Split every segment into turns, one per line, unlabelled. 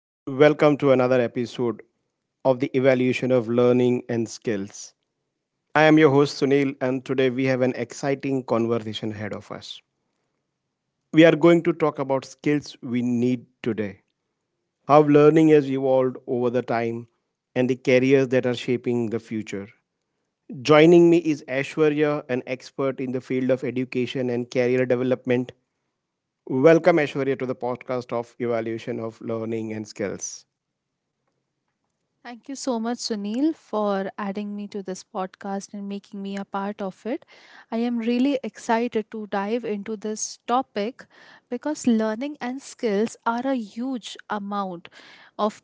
and welcome to another episode of the Evaluation of Learning and Skills. I am your host Sunil, and today we have an exciting conversation ahead of us. We are going to talk about skills we need today, how learning has evolved over the time, and the careers that are shaping the future. Joining me is Ashwarya, an expert in the field of education and career development. Welcome, Ashwarya, to the podcast of Evaluation of Learning and Skills.
Thank you so much, Sunil, for adding me to this podcast and making me a part of it. I am really excited to dive into this topic because learning and skills are a huge amount of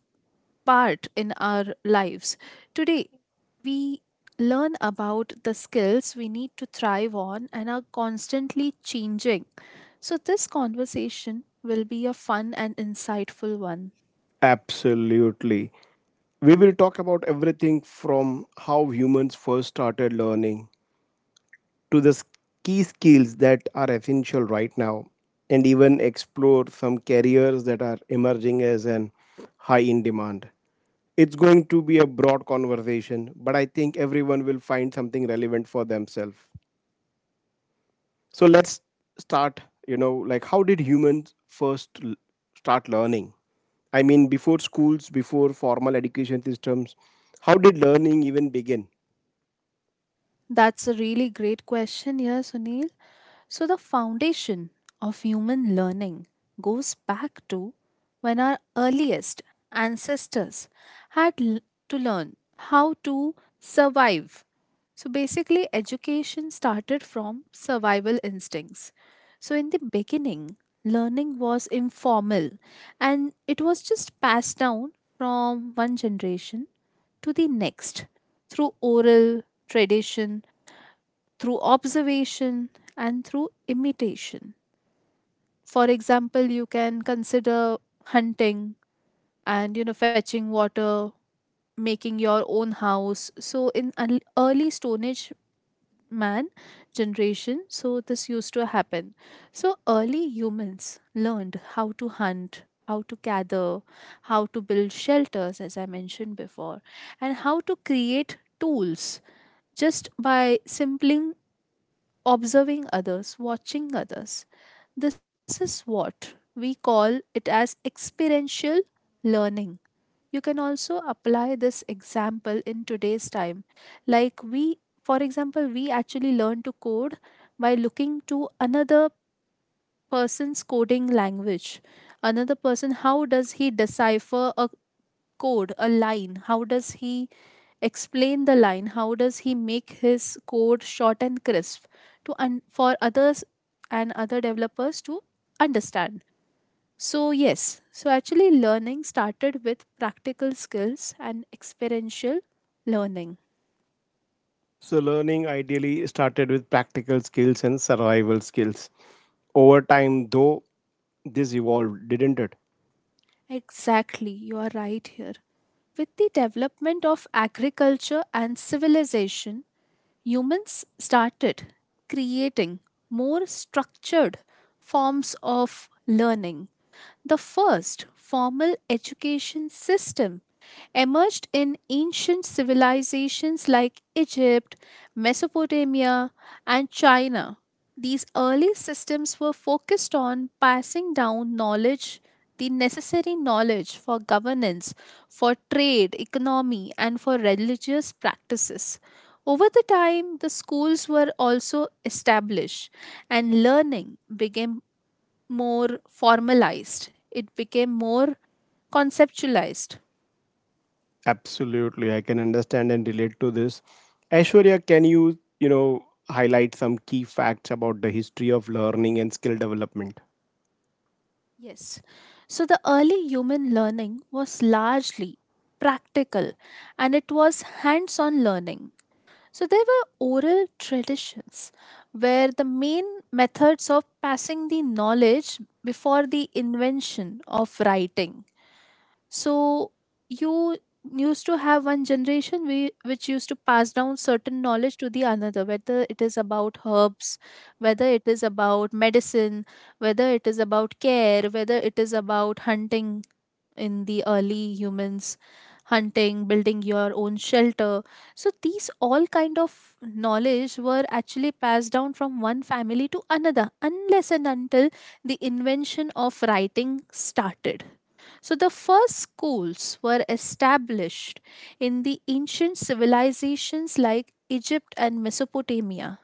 part in our lives. Today, we learn about the skills we need to thrive on and are constantly changing. So, this conversation will be a fun and insightful one.
Absolutely. We will talk about everything from how humans first started learning to key skills that are essential right now, and even explore some careers that are emerging as an high in demand. It's going to be a broad conversation, but I think everyone will find something relevant for themselves. So let's start, you know, like how did humans first start learning? I mean, before schools, before formal education systems, how did learning even begin?
That's a really great question here, Sunil. So, the foundation of human learning goes back to when our earliest ancestors had l- to learn how to survive. So, basically, education started from survival instincts. So, in the beginning, learning was informal and it was just passed down from one generation to the next through oral tradition, through observation, and through imitation. For example, you can consider hunting and, you know, fetching water, making your own house. So in early Stone Age man generation, so this used to happen. So early humans learned how to hunt, how to gather, how to build shelters, as I mentioned before, and how to create tools just by simply observing others, watching others. This is what we call it as experiential learning. You can also apply this example in today's time. Like for example, we actually learn to code by looking to another person's coding language. Another person, how does he decipher a code, a line? How does he explain the line? How does he make his code short and crisp to for others and other developers to understand? So yes, so actually learning started with practical skills and experiential learning.
So, learning ideally started with practical skills and survival skills. Over time, though, this evolved, didn't it?
Exactly, you are right here. With the development of agriculture and civilization, humans started creating more structured forms of learning. The first formal education system emerged in ancient civilizations like Egypt, Mesopotamia, and China. These early systems were focused on passing down knowledge, the necessary knowledge for governance, for trade, economy, and for religious practices. Over the time, the schools were also established, and learning became more formalized, it became more conceptualized.
Absolutely, I can understand and relate to this. Aishwarya, can you, you know, highlight some key facts about the history of learning and skill development?
Yes. So the early human learning was largely practical and it was hands on learning. So there were oral traditions where the main methods of passing the knowledge before the invention of writing. So you used to have one generation which used to pass down certain knowledge to the another, whether it is about herbs, whether it is about medicine, whether it is about care, whether it is about hunting. In the early humans, hunting, building your own shelter, so these all kind of knowledge were actually passed down from one family to another unless and until the invention of writing started. So, the first schools were established in the ancient civilizations like Egypt and Mesopotamia.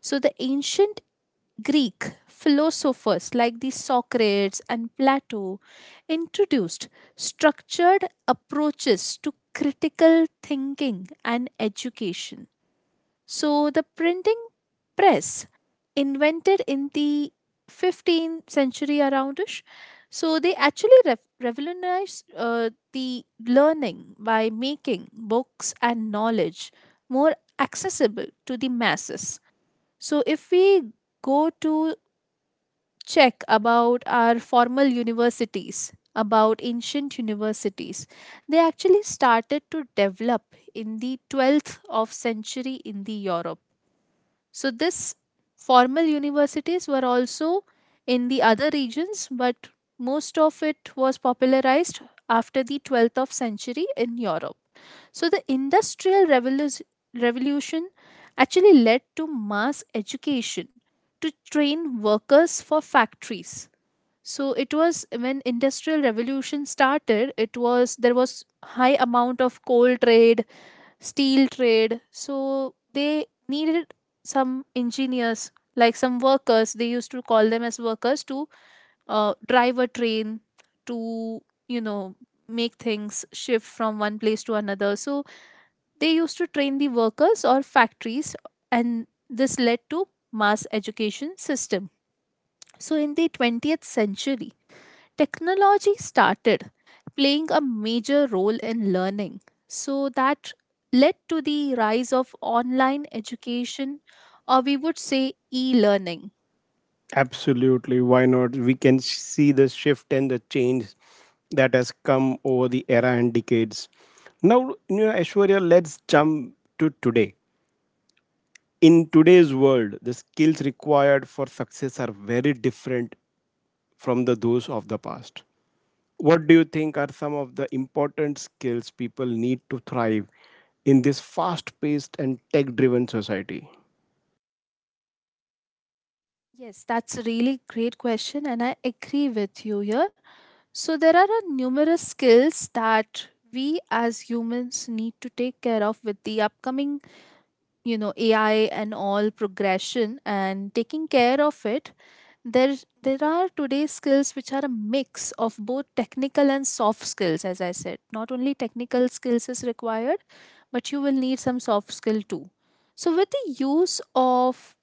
So, the ancient Greek philosophers like the Socrates and Plato introduced structured approaches to critical thinking and education. So the printing press invented in the 15th century aroundish, so they actually revolutionized the learning by making books and knowledge more accessible to the masses. So if we go to check about our formal universities, about ancient universities, they actually started to develop in the 12th of century in the Europe. So this formal universities were also in the other regions, but most of it was popularized after the 12th of century in Europe. So the industrial revolution actually led to mass education to train workers for factories. So it was when industrial revolution started, it was there was high amount of coal trade, steel trade. So they needed some engineers, like some workers. They used to call them as workers to drive a train, to, you know, make things shift from one place to another. So they used to train the workers or factories, and this led to mass education system. So in the 20th century, technology started playing a major role in learning. So that led to the rise of online education, or we would say e learning.
Absolutely. Why not? We can see the shift and the change that has come over the era and decades. Now, you know, Aishwarya, let's jump to today. In today's world, the skills required for success are very different from the those of the past. What do you think are some of the important skills people need to thrive in this fast-paced and tech-driven society?
Yes, that's a really great question, and I agree with you here. So, there are a numerous skills that we as humans need to take care of with the upcoming, you know, AI and all progression and taking care of it, there there are today skills which are a mix of both technical and soft skills. As I said, not only technical skills is required, but you will need some soft skill too. So with the use of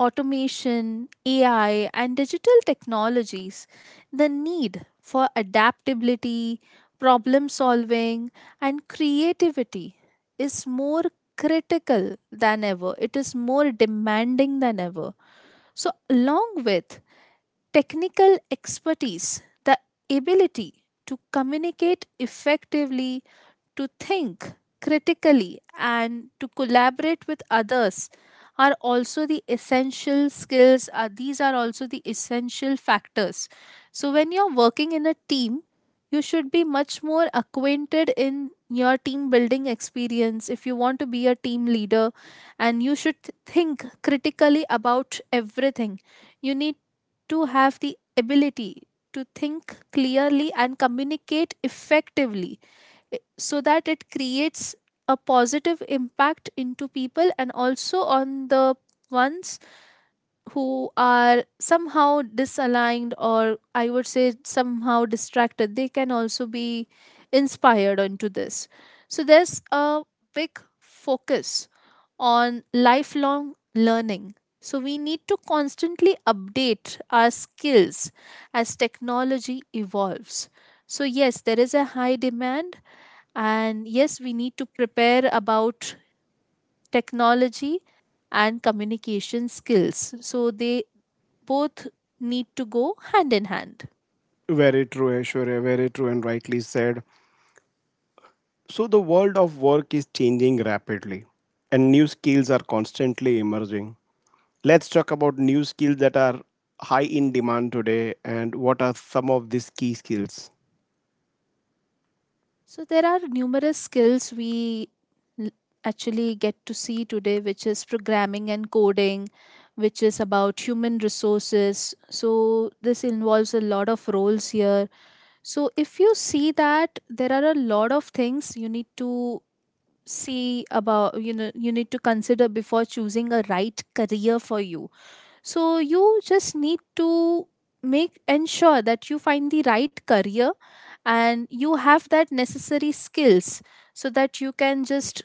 automation, AI, and digital technologies, the need for adaptability, problem solving, and creativity is more critical than ever. It is more demanding than ever. So, along with technical expertise, the ability to communicate effectively, to think critically, and to collaborate with others are also the essential skills, these are also the essential factors. So when you're working in a team, you should be much more acquainted in your team building experience. If you want to be a team leader and you should think critically about everything, you need to have the ability to think clearly and communicate effectively, so that it creates a positive impact into people and also on the ones who are somehow disaligned, or I would say somehow distracted, they can also be inspired onto this. So there's a big focus on lifelong learning, so we need to constantly update our skills as technology evolves. So yes, there is a high demand, and yes, we need to prepare about technology and communication skills, so they both need to go hand in hand.
Very true, Aishwarya. Very true and rightly said. So, the world of work is changing rapidly, and new skills are constantly emerging. Let's talk about new skills that are high in demand today, and what are some of these key skills.
So, there are numerous skills we actually get to see today, which is programming and coding, which is about human resources. So, this involves a lot of roles here. So, if you see that there are a lot of things you need to see about, you know, you need to consider before choosing a right career for you. So you just need to make ensure that you find the right career and you have that necessary skills so that you can just,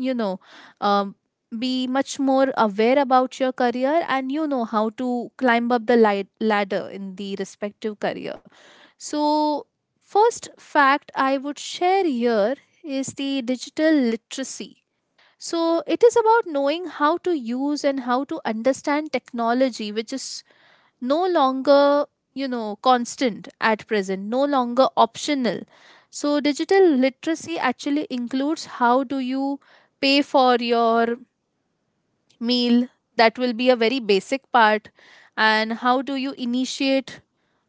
you know, um, be much more aware about your career and you know how to climb up the ladder in the respective career. So, first fact I would share here is the digital literacy. So it is about knowing how to use and how to understand technology, which is no longer, you know, constant at present, no longer optional. So digital literacy actually includes how do you pay for your meal, that will be a very basic part, and how do you initiate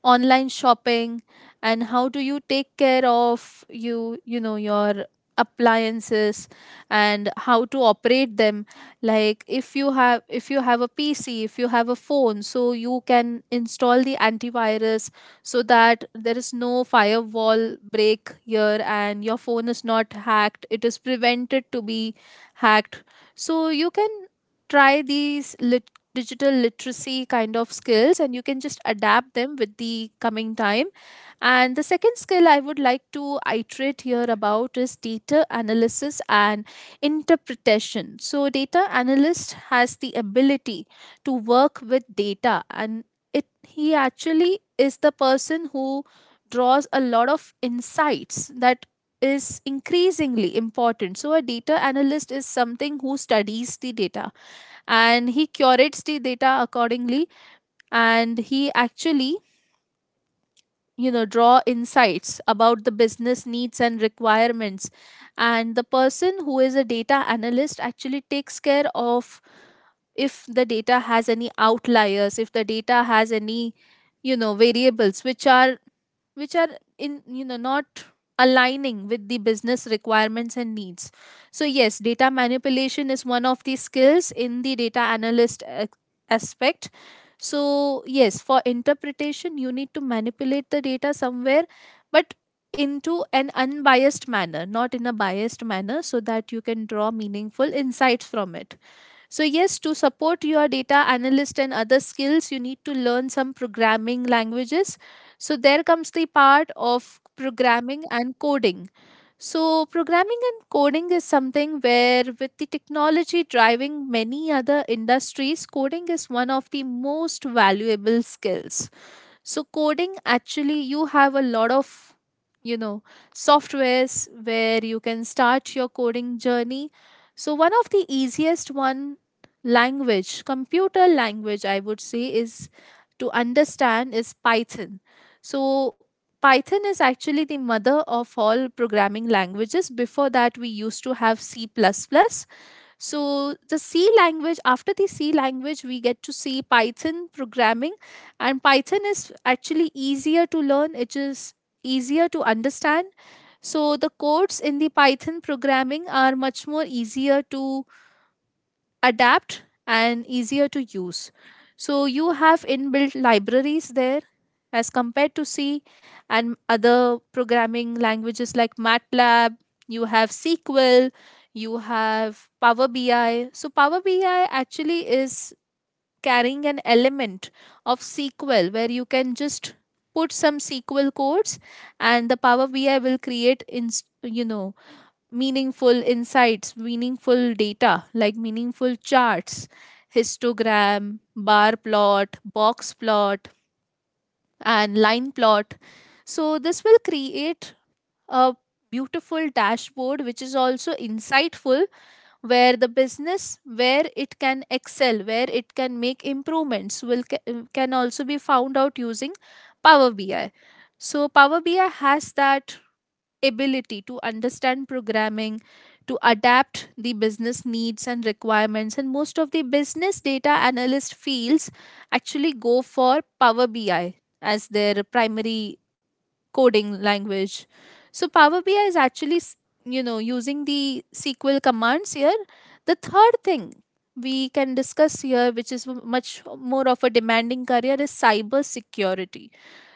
online shopping, and how do you take care of you know your appliances and how to operate them. Like if you have a pc, if you have a phone, so you can install the antivirus, so that there is no firewall break here and your phone is not hacked, it is prevented to be hacked. So you can try these digital literacy kind of skills and you can just adapt them with the coming time. And the second skill I would like to iterate here about is data analysis and interpretation. So data analyst has the ability to work with data, and it he actually is the person who draws a lot of insights that is increasingly important. So a data analyst is something who studies the data and he curates the data accordingly, and he actually, you know, draw insights about the business needs and requirements. And the person who is a data analyst actually takes care of, if the data has any outliers, if the data has any, you know, variables which are in, you know, not aligning with the business requirements and needs. So yes, data manipulation is one of the skills in the data analyst aspect. So yes, for interpretation you need to manipulate the data somewhere, but into an unbiased manner, not in a biased manner, so that you can draw meaningful insights from it. So, yes, to support your data analyst and other skills, you need to learn some programming languages. So, there comes the part of programming and coding. So, programming and coding is something where, with the technology driving many other industries, coding is one of the most valuable skills. So coding actually, you have a lot of, you know, softwares where you can start your coding journey. So one of the easiest one language, computer language I would say is to understand is Python. So Python is actually the mother of all programming languages. Before that we used to have C++, so, the C language, after the C language, we get to see Python programming, and Python is actually easier to learn, it is easier to understand. So, the codes in the Python programming are much more easier to adapt and easier to use. So you have inbuilt libraries there as compared to C and other programming languages like MATLAB, you have SQL, you have Power BI. So Power BI actually is carrying an element of SQL where you can just put some SQL codes, and the Power BI will create in you know meaningful insights, meaningful data, like meaningful charts, histogram, bar plot, box plot, and line plot. So, this will create a beautiful dashboard which is also insightful, where the business, where it can excel, where it can make improvements will can also be found out using Power BI. So Power BI has that ability to understand programming, to adapt the business needs and requirements. And most of the business data analyst fields actually go for Power BI as their primary coding language. So Power BI is actually, using the SQL commands here. The third thing we can discuss here, which is much more of a demanding career, is cyber security.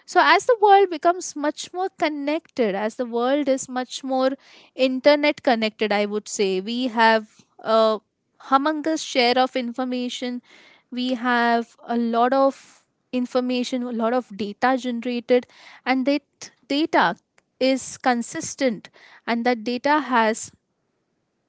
So as the world becomes much more connected, as the world is much more internet connected, I would say we have a humongous share of information. We have a lot of information, a lot of data generated, and that data is consistent, and that data has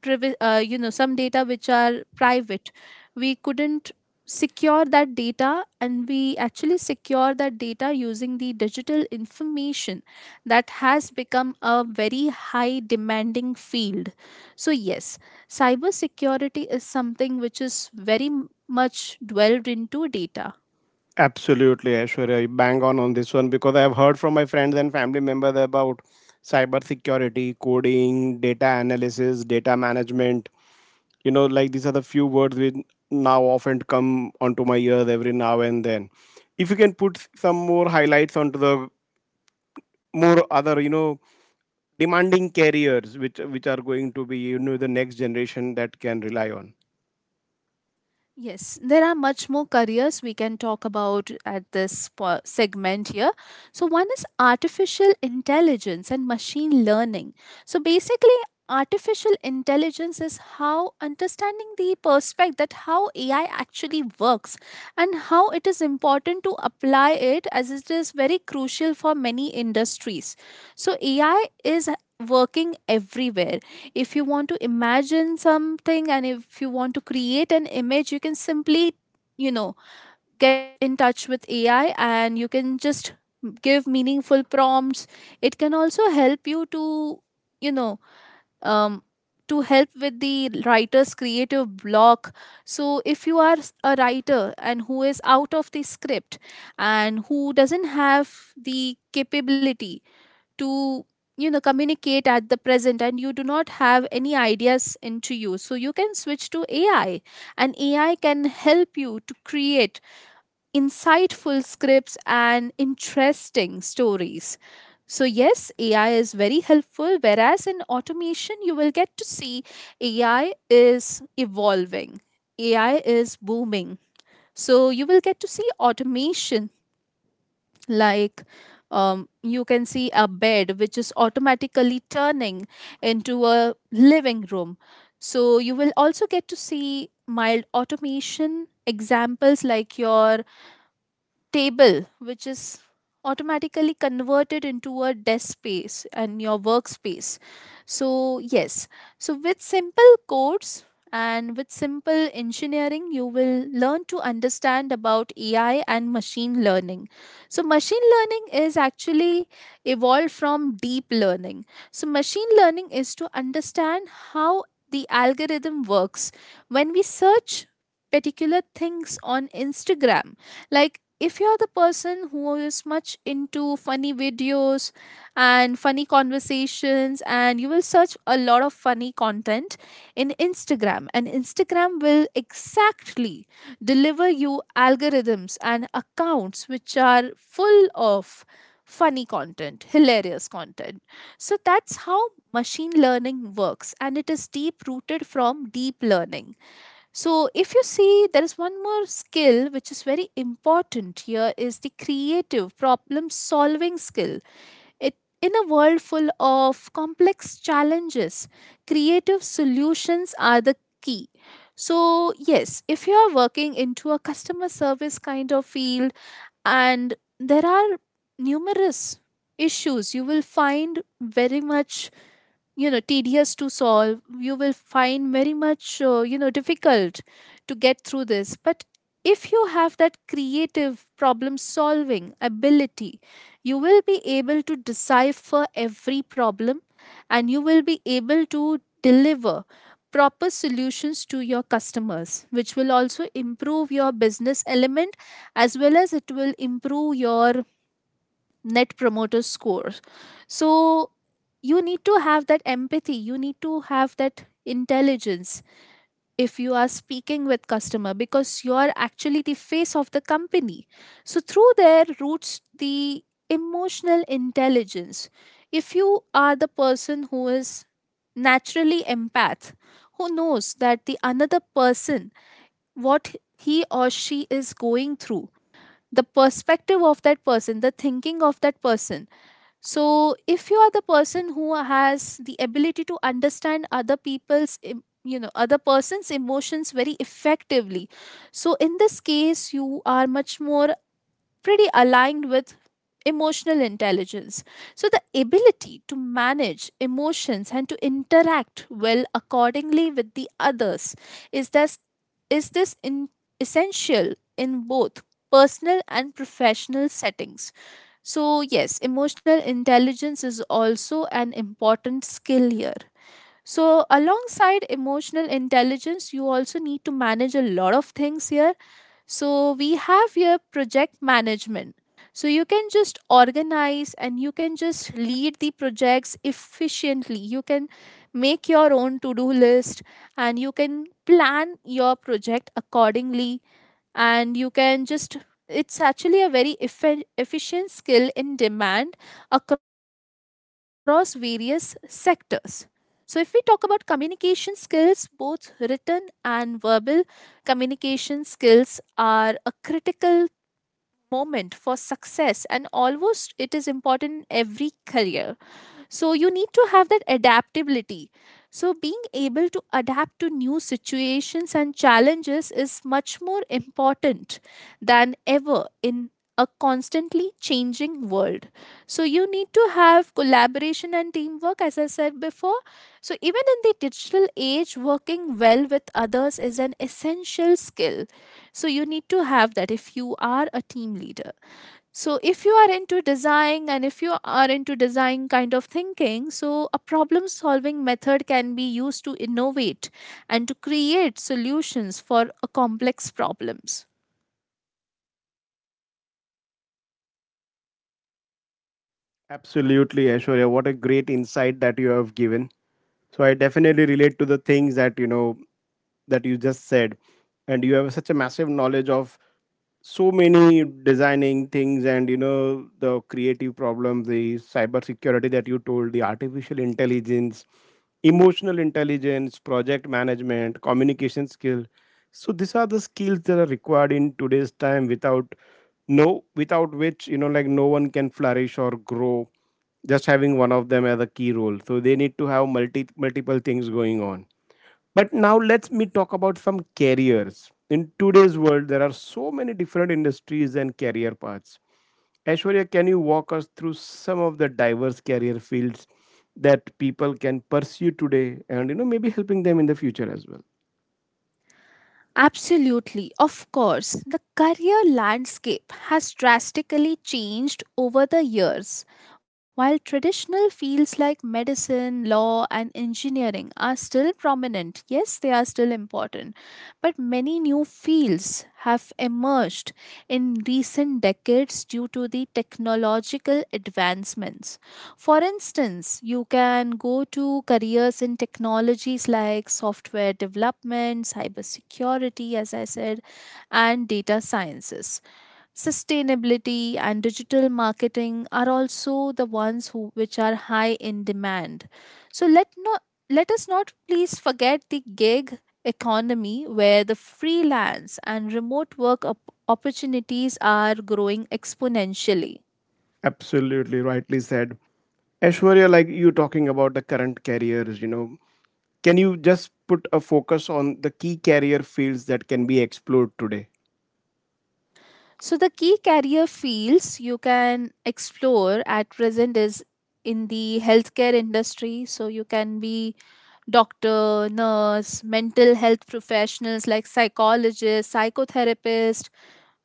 some data which are private. We couldn't secure that data, and we actually secure that data using the digital information. That has become a very high demanding field. So yes, cybersecurity is something which is very much dwelled into data.
Absolutely, Aishwarya, you bang on this one, because I have heard from my friends and family members about cybersecurity, coding, data analysis, data management. You know, like these are the few words which now often come onto my ears every now and then. If you can put some more highlights onto the more other, you know, demanding careers which are going to be, you know, the next generation that can rely on.
Yes, there are much more careers we can talk about at this segment here. So, one is artificial intelligence and machine learning. So, basically, artificial intelligence is how understanding the perspective that how AI actually works, and how it is important to apply it, as it is very crucial for many industries. So, AI is working everywhere. If you want to imagine something and if you want to create an image, you can simply you know get in touch with AI, and you can just give meaningful prompts. It can also help you to you know um to help with the writer's creative block. So if you are a writer, and who is out of the script, and who doesn't have the capability to communicate at the present, and you do not have any ideas into you, so you can switch to AI, and AI can help you to create insightful scripts and interesting stories. So yes, AI is very helpful, whereas in automation, you will get to see AI is evolving, AI is booming. So you will get to see automation, like, you can see a bed which is automatically turning into a living room. So you will also get to see mild automation examples like your table, which is automatically converted into a desk space and your workspace. So, yes, so with simple codes and with simple engineering, you will learn to understand about AI and machine learning. So, machine learning is actually evolved from deep learning. So, machine learning is to understand how the algorithm works. When we search particular things on Instagram, like, if you're the person who is much into funny videos and funny conversations, and you will search a lot of funny content in Instagram, and Instagram will exactly deliver you algorithms and accounts which are full of funny content, hilarious content. So that's how machine learning works, and it is deep rooted from deep learning. So, if you see, there is one more skill which is very important here, is the creative problem solving skill. It, in a world full of complex challenges, creative solutions are the key. So, yes, if you are working into a customer service kind of field, and there are numerous issues, you will find very much tedious to solve. You will find very much difficult to get through this. But if you have that creative problem solving ability, you will be able to decipher every problem, and you will be able to deliver proper solutions to your customers, which will also improve your business element as well as it will improve your net promoter scores. So you need to have that empathy, you need to have that intelligence if you are speaking with customer, because you are actually the face of the company. So through there roots the emotional intelligence. If you are the person who is naturally empath, who knows that the another person what he or she is going through, the perspective of that person, the thinking of that person. So, if you are the person who has the ability to understand other people's, other person's emotions very effectively, so in this case, you are much more pretty aligned with emotional intelligence. So, the ability to manage emotions and to interact well accordingly with the others is this is essential in both personal and professional settings. So, yes, emotional intelligence is also an important skill here. So, alongside emotional intelligence, you also need to manage a lot of things here. So, we have here project management. So, you can just organize and you can just lead the projects efficiently. You can make your own to do list, and you can plan your project accordingly, and you can just, it's actually a very efficient skill in demand across various sectors. So if we talk about communication skills, both written and verbal, communication skills are a critical moment for success, and almost it is important in every career. So you need to have that adaptability. So being able to adapt to new situations and challenges is much more important than ever in a constantly changing world. So you need to have collaboration and teamwork, as I said before. So even in the digital age, working well with others is an essential skill. So you need to have that if you are a team leader. So, if you are into design and if you are into design kind of thinking, so a problem solving method can be used to innovate and to create solutions for a complex problems.
Absolutely, Ashwarya, what a great insight that you have given. So I definitely relate to the things that, you know, that you just said, and you have such a massive knowledge of so many designing things, and you know, the creative problem, the cyber security that you told, the artificial intelligence, emotional intelligence, project management, communication skill. So these are the skills that are required in today's time without, no, without which, you know, like no one can flourish or grow just having one of them as a key role. So they need to have multiple things going on. But now let's me talk about some careers. In today's world, there are so many different industries and career paths. Aishwarya, can you walk us through some of the diverse career fields that people can pursue today, and you know, maybe helping them in the future as well?
Absolutely, of course, the career landscape has drastically changed over the years. While traditional fields like medicine, law, and engineering are still prominent, yes, they are still important, but many new fields have emerged in recent decades due to the technological advancements. For instance, you can go to careers in technologies like software development, cybersecurity, as I said, and data sciences, sustainability, and digital marketing are also the ones who which are high in demand. So let us not please forget the gig economy where the freelance and remote work opportunities are growing exponentially.
Absolutely rightly said. Aishwarya, like you talking about the current careers, you know, can you just put a focus on the key career fields that can be explored today?
So, the key career fields you can explore at present is in the healthcare industry. So, you can be doctor, nurse, mental health professionals like psychologist, psychotherapist,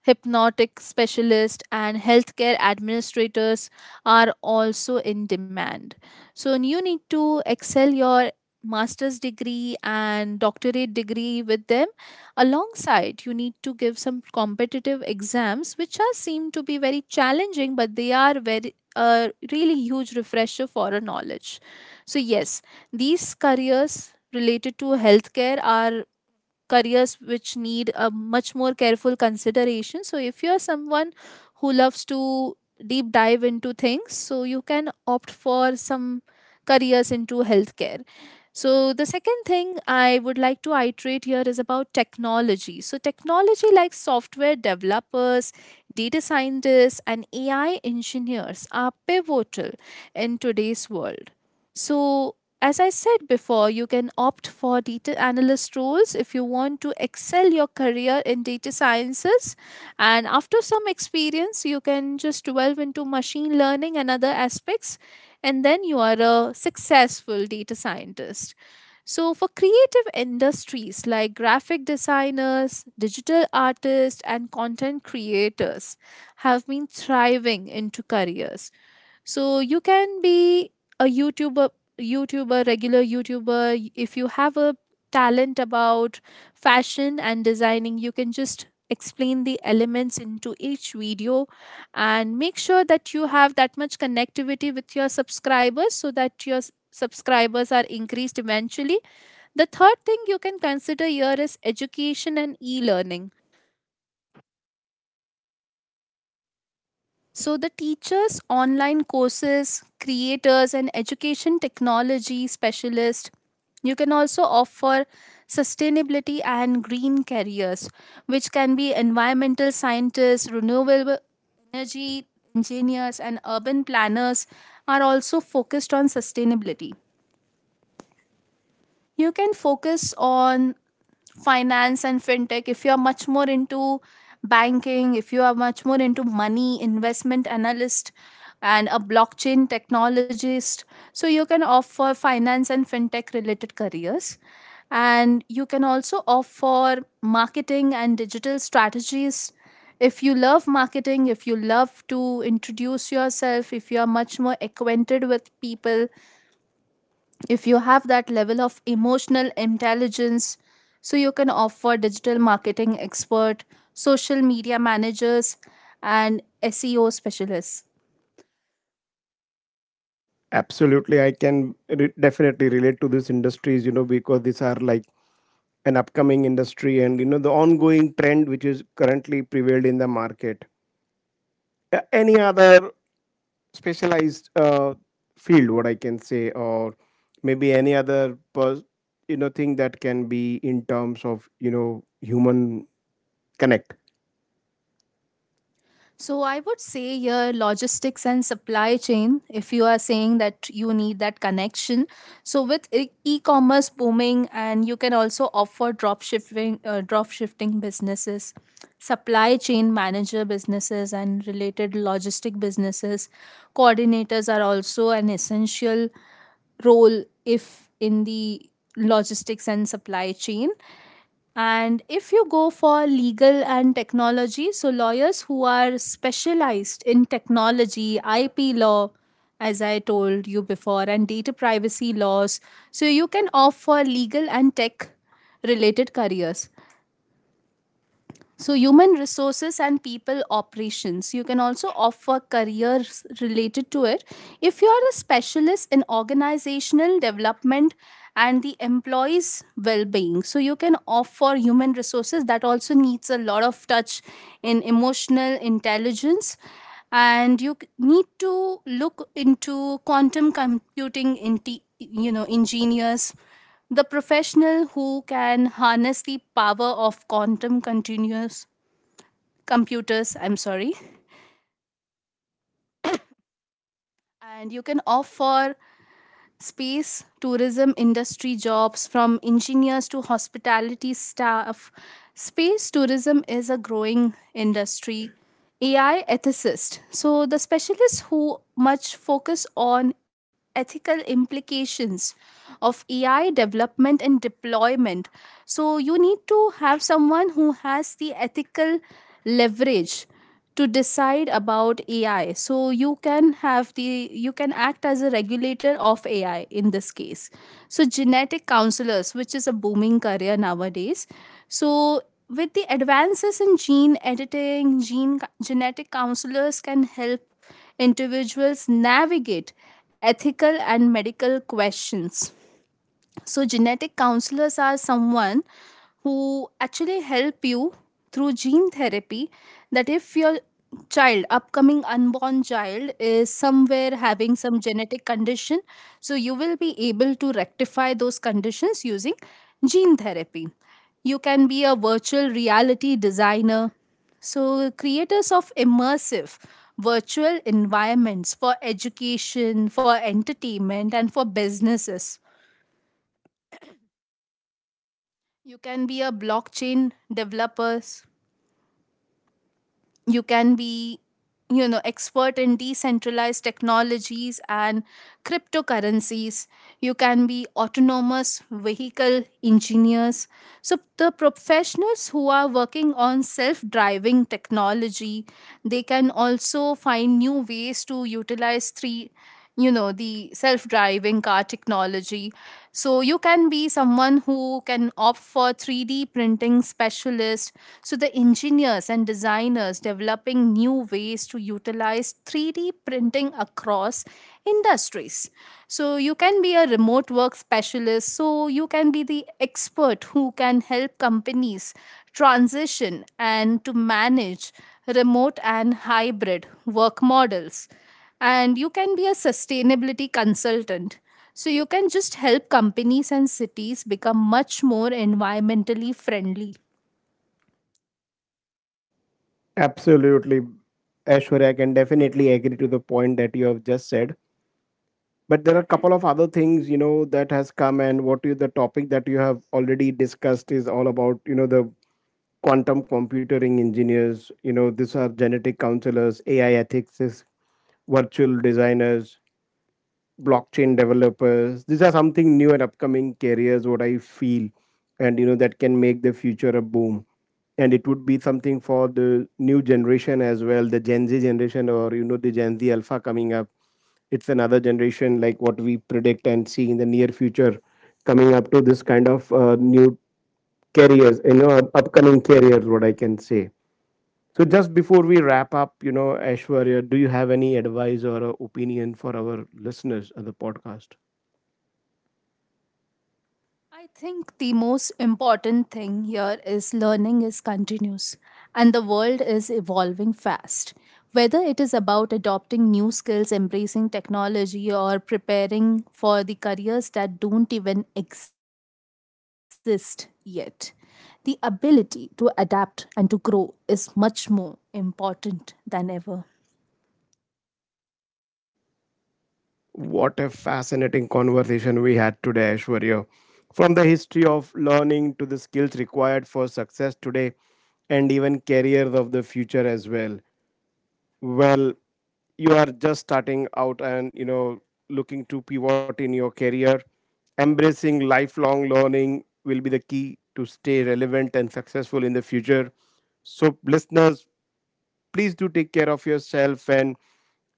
hypnotic specialist, and healthcare administrators are also in demand. So you need to excel your master's degree and doctorate degree with them. Alongside, you need to give some competitive exams, which are seem to be very challenging, but they are very a really huge refresher for a knowledge. So yes, these careers related to healthcare are careers which need a much more careful consideration. So if you're someone who loves to deep dive into things, so you can opt for some careers into healthcare. So the second thing I would like to iterate here is about technology. So technology like software developers, data scientists, and AI engineers are pivotal in today's world. So as I said before, you can opt for data analyst roles if you want to excel your career in data sciences. And after some experience, you can just delve into machine learning and other aspects, and then you are a successful data scientist. So, for creative industries like graphic designers, digital artists, and content creators, have been thriving into careers. So you can be a YouTuber, regular YouTuber. If you have a talent about fashion and designing, you can just explain the elements into each video and make sure that you have that much connectivity with your subscribers, so that your subscribers are increased eventually. The third thing you can consider here is education and e learning. So, the teachers, online courses, creators, and education technology specialists, you can also offer sustainability and green careers, which can be environmental scientists, renewable energy engineers, and urban planners are also focused on sustainability. You can focus on finance and fintech if you are much more into banking, if you are much more into money investment analyst and a blockchain technologist. So you can offer finance and fintech related careers. And you can also offer marketing and digital strategies if you love marketing, if you love to introduce yourself, if you are much more acquainted with people, if you have that level of emotional intelligence. So you can offer digital marketing expert, social media managers, and SEO specialists.
Absolutely, I can definitely relate to these industries, you know, because these are like an upcoming industry, and you know, the ongoing trend which is currently prevailed in the market. Any other specialized field, what I can say, or maybe any other, you know, thing that can be in terms of, you know, human connect.
So I would say your logistics and supply chain, if you are saying that you need that connection. So with e-commerce booming, and you can also offer drop shipping, drop shifting businesses, supply chain manager businesses, and related logistic businesses. Coordinators are also an essential role if in the logistics and supply chain. And if you go for legal and technology, so lawyers who are specialized in technology, IP law, as I told you before, and data privacy laws, so you can opt for legal and tech related careers. So, human resources and people operations. You can also offer careers related to it. If you are a specialist in organizational development and the employees' well being, so you can offer human resources that also needs a lot of touch in emotional intelligence. And you need to look into quantum computing, engineers, the professional who can harness the power of quantum continuous computers, I'm sorry, and you can offer space tourism industry jobs from engineers to hospitality staff. Space tourism is a growing industry. AI ethicist, so the specialists who much focus on ethical implications of AI development and deployment. So you need to have someone who has the ethical leverage to decide about AI. So you can have the you can act as a regulator of AI in this case. So genetic counselors, which is a booming career nowadays. So with the advances in gene editing, genetic counselors can help individuals navigate ethical and medical questions. So, genetic counselors are someone who actually help you through gene therapy, that if your child upcoming unborn child is somewhere having some genetic condition, so you will be able to rectify those conditions using gene therapy. You can be a virtual reality designer, so creators of immersive virtual environments for education, for entertainment, and for businesses. You can be a blockchain developers. You can be, expert in decentralized technologies and cryptocurrencies. You can be autonomous vehicle engineers. So the professionals who are working on self-driving technology, they can also find new ways to utilize three, the self driving car technology. So you can be someone who can opt for 3D printing specialist, so the engineers and designers developing new ways to utilize 3D printing across industries. So you can be a remote work specialist, so you can be the expert who can help companies transition and to manage remote and hybrid work models. And you can be a sustainability consultant. So you can just help companies and cities become much more environmentally friendly.
Absolutely, Ashwarya. I can definitely agree to the point that you have just said. But there are a couple of other things, you know, that has come, and what you, the topic that you have already discussed is all about, you know, the quantum computing engineers, you know, these are genetic counselors, AI ethics, virtual designers, blockchain developers, these are something new and upcoming careers what I feel, and you know that can make the future a boom, and it would be something for the new generation as well, the Gen Z generation, or you know, the Gen Z alpha coming up. It's another generation, like what we predict and see in the near future coming up to this kind of new careers, you know, upcoming careers, what I can say. So just before we wrap up, you know, Ashwarya, do you have any advice or opinion for our listeners of the podcast?
I think the most important thing here is learning is continuous, and the world is evolving fast. Whether it is about adopting new skills, embracing technology, or preparing for the careers that don't even exist yet, the ability to adapt and to grow is much more important than ever.
What a fascinating conversation we had today, Aishwarya. From the history of learning to the skills required for success today and even careers of the future as well. Well, you are just starting out, and you know, looking to pivot in your career, embracing lifelong learning will be the key to stay relevant and successful in the future. So, listeners, please do take care of yourself, and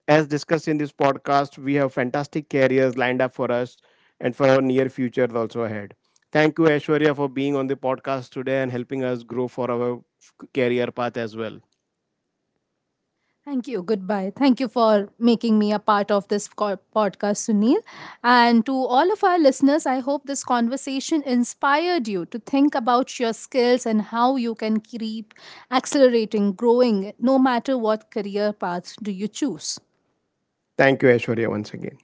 as discussed in this podcast, we have fantastic careers lined up for us and for our near future also ahead. Thank you, Aishwarya, for being on the podcast today and helping us grow for our career path as well.
Thank you. Goodbye. Thank you for making me a part of this podcast, Sunil. And to all of our listeners, I hope this conversation inspired you to think about your skills and how you can keep accelerating, growing, no matter what career path do you choose.
Thank you, Aishwarya, once again.